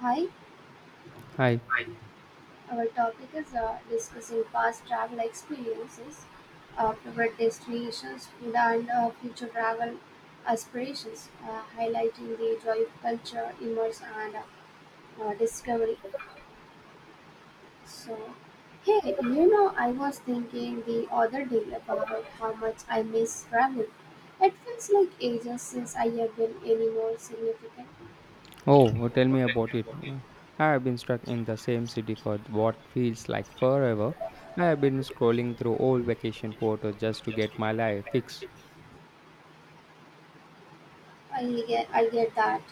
Hi, Hi. our topic is discussing past travel experiences, favorite destinations, food, and future travel aspirations, highlighting the joy of culture, immerse, and discovery. So, hey, I was thinking the other day about how much I miss traveling. It feels like ages since I have been anywhere significant. Oh, well, tell me about it. Yeah. I have been stuck in the same city for what feels like forever. I have been scrolling through old vacation photos just to get my life fixed. I get that.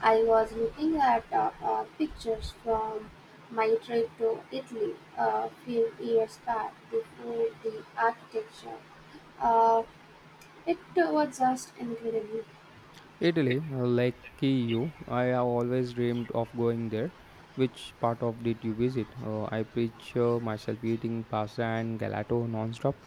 I was looking at pictures from my trip to Italy a few years back. The food, the architecture, uh, it was just incredible. Italy, like you, I have always dreamed of going there. Which part of did you visit? I picture myself eating pasta and gelato non-stop.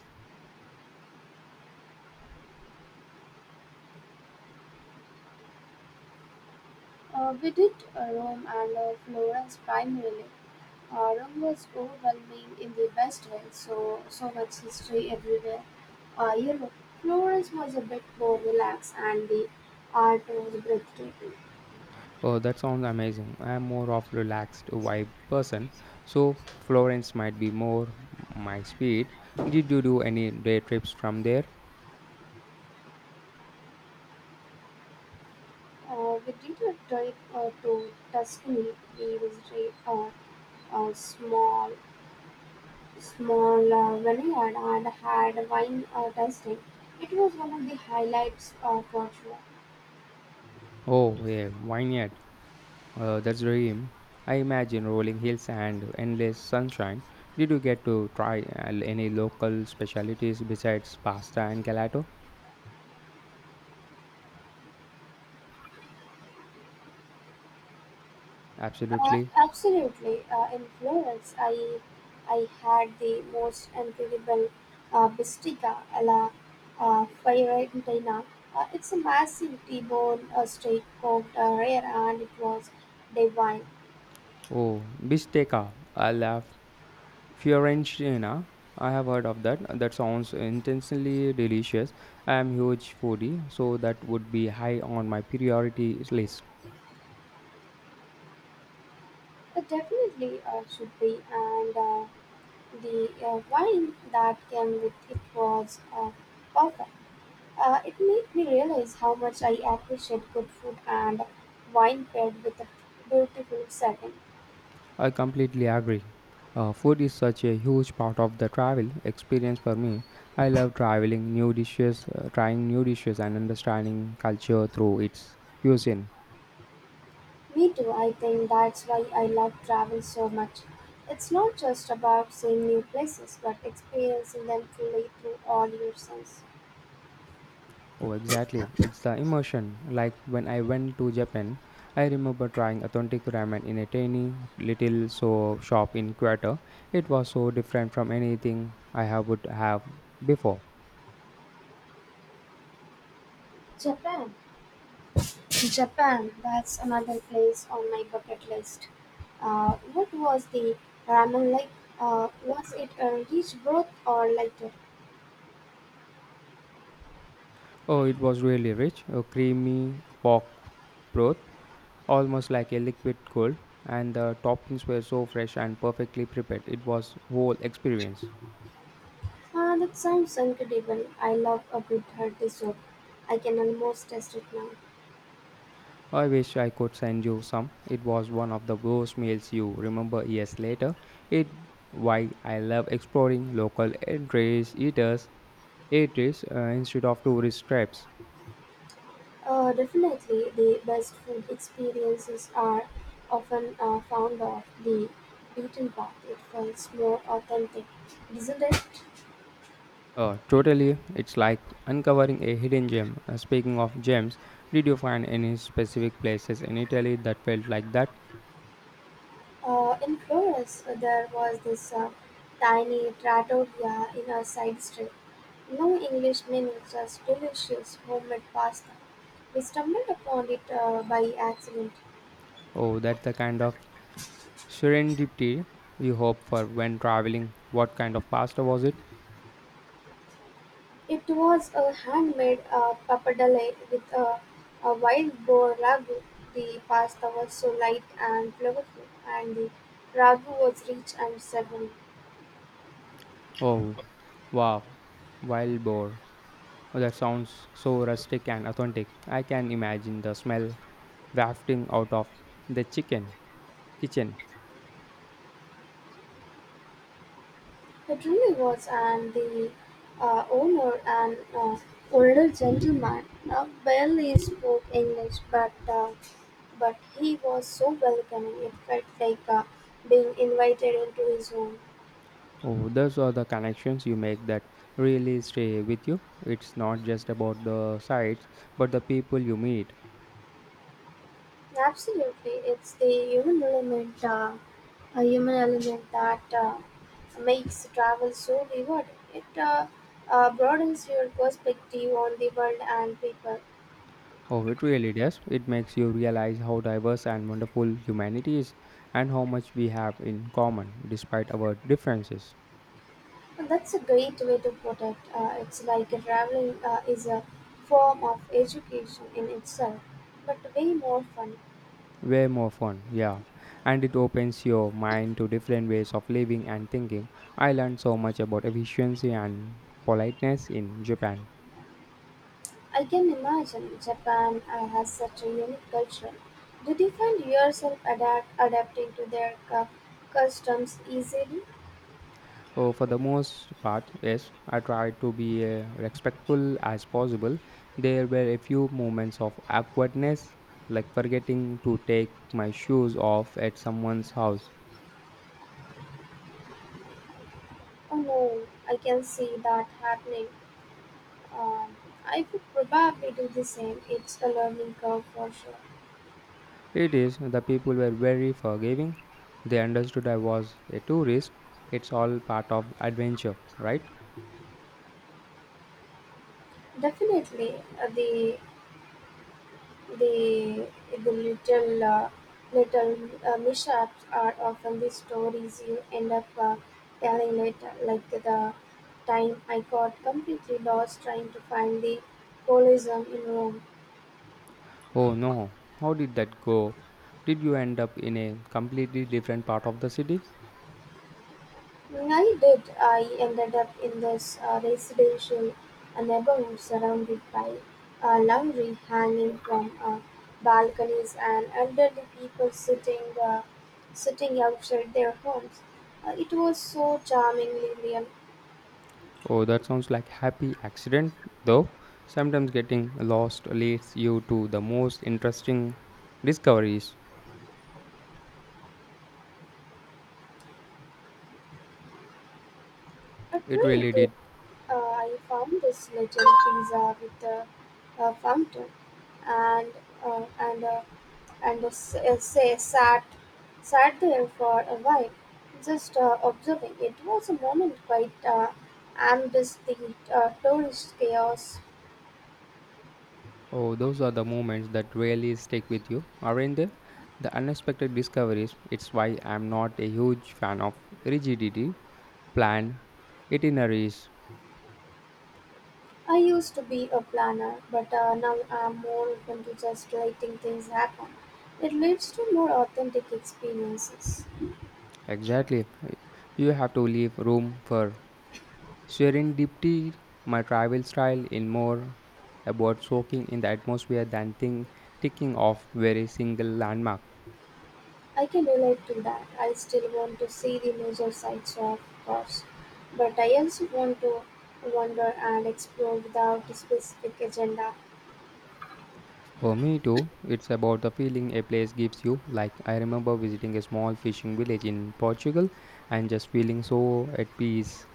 We did Rome and Florence primarily. Rome was overwhelming in the best way, so much history everywhere. Uh, Europe, Florence was a bit more relaxed, and the art was breathtaking. Oh, that sounds amazing. I'm more of relaxed vibe person, so Florence might be more my speed. Did you do any day trips from there? We did a trip to Tuscany. We visited a small vineyard and had wine tasting. It was one of the highlights of Portugal. Oh, yeah, vineyard. That's dream. I imagine rolling hills and endless sunshine. Did you get to try any local specialties besides pasta and gelato? Absolutely. Absolutely, in Florence, I had the most incredible bistica alla Fiorentina. It's a massive T-bone steak cooked rare, and it was divine. Oh, bisteca. I love Fiorentina, I have heard of that. That sounds intensely delicious. I am huge foodie, so that would be high on my priority list. It definitely should be, and the wine that came with it was perfect. It made me realize how much I appreciate good food and wine paired with a beautiful setting. I completely agree. Food is such a huge part of the travel experience for me. I love traveling, new dishes, trying new dishes, and understanding culture through its cuisine. Me too, I think that's why I love travel so much. It's not just about seeing new places, but experiencing them fully through all your senses. Oh, exactly. It's the immersion. Like when I went to Japan, I remember trying authentic ramen in a tiny little so shop in Kyoto. It was so different from anything I have would have before. Japan. Japan, that's another place on my bucket list. What was the ramen like? Was it a rich broth or lighter? Oh, it was really rich, a creamy pork broth, almost like a liquid gold, and the toppings were so fresh and perfectly prepared. It was whole experience. Ah, that sounds incredible. I love a good hearty soup. I can almost taste it now. I wish I could send you some. It was one of the worst meals you remember years later. It why I love exploring local eateries, eaters, eateries instead of tourist traps. Definitely, the best food experiences are often found off the beaten path. It feels more authentic, isn't it? Totally, it's like uncovering a hidden gem. Speaking of gems, did you find any specific places in Italy that felt like that? In Florence, there was this tiny trattoria in a side street. No English meaning, just delicious homemade pasta. We stumbled upon it by accident. Oh, that's the kind of serendipity you hope for when traveling. What kind of pasta was it? It was a handmade pappardelle with a wild boar ragu. The pasta was so light and flavorful, and the ragu was rich and savory. Oh, wow, wild boar. Oh, that sounds so rustic and authentic. I can imagine the smell wafting out of the chicken kitchen. It really was, and the owner, an older gentleman, barely spoke English, but he was so welcoming. It felt like being invited into his home. Oh, those are the connections you make that really stay with you. It's not just about the sites, but the people you meet. Absolutely, it's the human element, that makes travel so rewarding. It broadens your perspective on the world and people. Oh, it really does. It makes you realize how diverse and wonderful humanity is and how much we have in common despite our differences. And that's a great way to put it. It's like traveling is a form of education in itself, but way more fun. Way more fun, yeah, and it opens your mind to different ways of living and thinking. I learned so much about efficiency and politeness in Japan. I can imagine Japan has such a unique culture. Did you find yourself adapting to their customs easily? Oh, for the most part, yes, I tried to be respectful as possible. There were a few moments of awkwardness, like forgetting to take my shoes off at someone's house. Oh no, I can see that happening. Um, I would probably do the same. It's a learning curve for sure. It is, the people were very forgiving, they understood I was a tourist. It's all part of adventure, right? Definitely, uh, the The, the little little mishaps are often the stories you end up telling later, like the time I got completely lost trying to find the holism in Rome. Oh no, how did that go? Did you end up in a completely different part of the city? I did. I ended up in this residential neighborhood surrounded by laundry hanging from balconies and elderly people sitting outside their homes. It was so charmingly real. Oh, that sounds like happy accident though. Sometimes getting lost leads you to the most interesting discoveries. It It really really did. did. I found this little pizza with a fountain, and uh, and uh, and s- say sat sat there for a while, just observing. It was a moment quite amidst the tourist chaos. Oh, those are the moments that really stick with you, aren't they? The unexpected discoveries. It's why I'm not a huge fan of rigidity planned itineraries. I used to be a planner, but now I'm more open to just letting things happen. It leads to more authentic experiences. Exactly. You have to leave room for Sharing Serendipity, my travel style, in more about soaking in the atmosphere than think, ticking off very single landmark. I can relate to that. I still want to see the major sites, of course, but I also want to wander and explore without a specific agenda. For me too, it's about the feeling a place gives you. Like I remember visiting a small fishing village in Portugal and just feeling so at peace.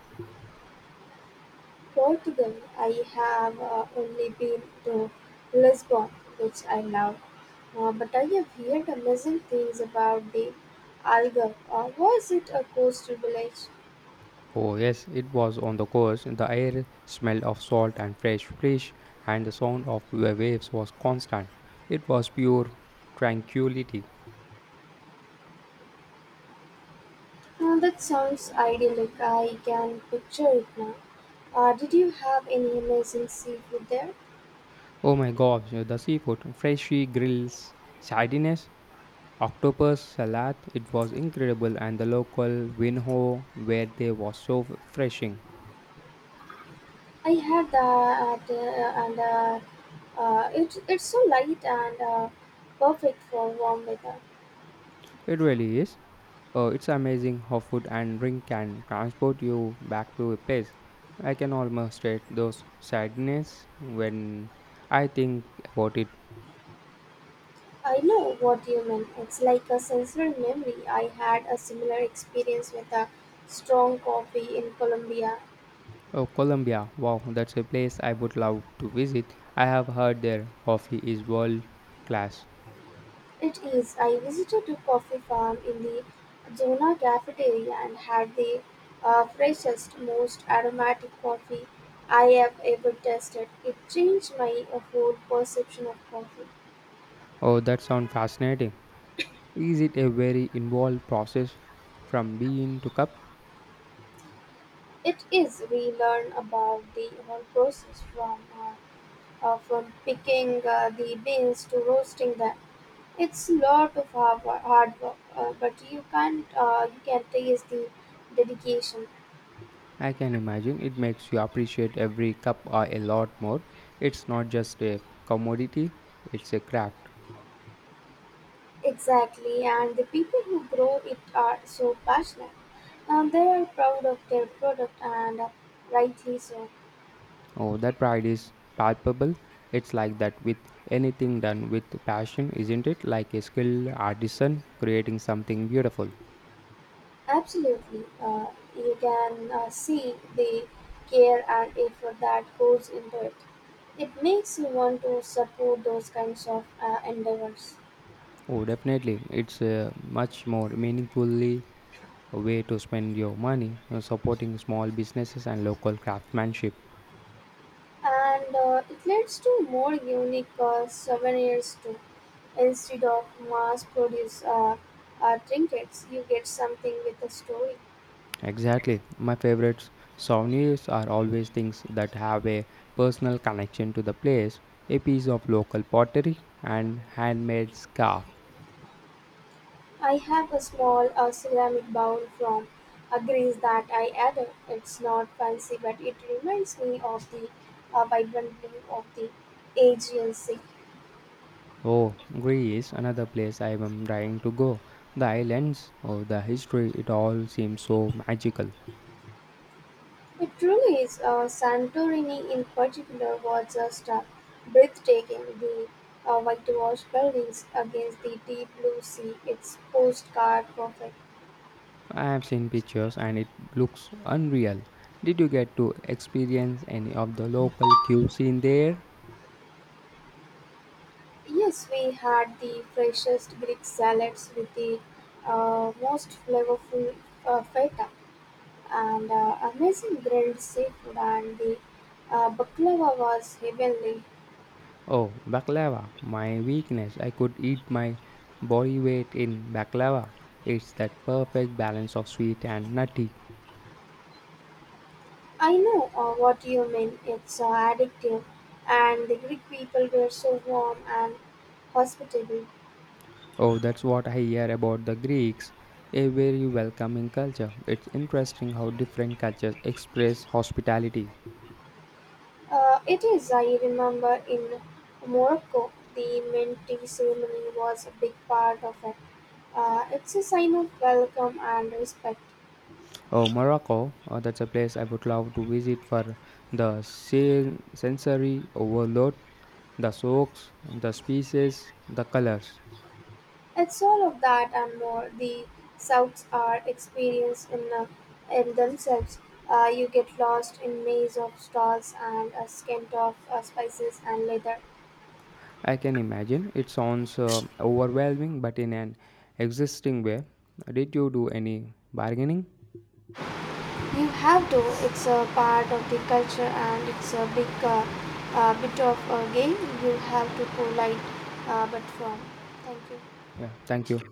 Portugal, I have only been to Lisbon, which I love, but I have heard amazing things about the Algarve. Was it a coastal village? Oh yes, it was on the coast. The air smelled of salt and fresh fish and the sound of the waves was constant. It was pure tranquility. That sounds idyllic. I can picture it now. Did you have any amazing seafood there? Oh my gosh, the seafood, freshy grills, sardines, octopus salad, it was incredible and the local winho where they was so refreshing. I had that, and it's so light and perfect for warm weather. It really is. It's amazing how food and drink can transport you back to a place. I can almost taste those sadness when I think about it. I know what you mean. It's like a sensory memory. I had a similar experience with a strong coffee in Colombia. Oh, Colombia! Wow, that's a place I would love to visit. I have heard their coffee is world class. It is. I visited a coffee farm in the Zona cafeteria and had the freshest, most aromatic coffee I have ever tasted. It changed my whole perception of coffee. Oh, that sounds fascinating. Is it a very involved process from bean to cup? It is. We learn about the whole process from picking the beans to roasting them. It's a lot of hard, hard work, but you can't you can taste the dedication I can imagine it makes you appreciate every cup a lot more. It's not just a commodity, it's a craft. exactly, and the people who grow it are so passionate. They are proud of their product and rightly so. Oh, that pride is palpable. It's like that with anything done with passion, isn't it? Like a skilled artisan creating something beautiful. Absolutely. You can see the care and effort that goes into it. It makes you want to support those kinds of endeavors. Oh, definitely. It's much more meaningfully a way to spend your money supporting small businesses and local craftsmanship. And it leads to more unique souvenirs too. Instead of mass produced trinkets, you get something with a story. Exactly. My favorites souvenirs are always things that have a personal connection to the place, a piece of local pottery and handmade scarf. I have a small ceramic bowl from Greece that I added. It's not fancy, but it reminds me of the vibrant blue of the Aegean Sea. Oh, Greece, another place I am dying to go. The islands, oh, the history, it all seems so magical. It truly is. Santorini, in particular, was just breathtaking. The whitewashed buildings against the deep blue sea. It's postcard perfect. I have seen pictures and it looks unreal. Did you get to experience any of the local cuisine there? Yes, we had the freshest Greek salads with the most flavorful feta, and amazing grilled seafood and the baklava was heavenly. Oh, baklava, my weakness. I could eat my body weight in baklava. It's that perfect balance of sweet and nutty. I know what you mean. It's addictive, and the Greek people were so warm and hospitable. Oh, that's what I hear about the Greeks. A very welcoming culture. It's interesting how different cultures express hospitality. It is. I remember in Morocco, the Menti ceremony was a big part of it. It's a sign of welcome and respect. Oh, Morocco, oh, that's a place I would love to visit for the sensory overload, the soaks, the species, the colors. It's all of that and more. The Souths are experienced in themselves. You get lost in maze of stalls and a scent of spices and leather. I can imagine. It sounds overwhelming, but in an existing way. Did you do any bargaining? You have to. It's a part of the culture and it's a big bit of a game you have to polite but firm. Thank you. Yeah, thank you.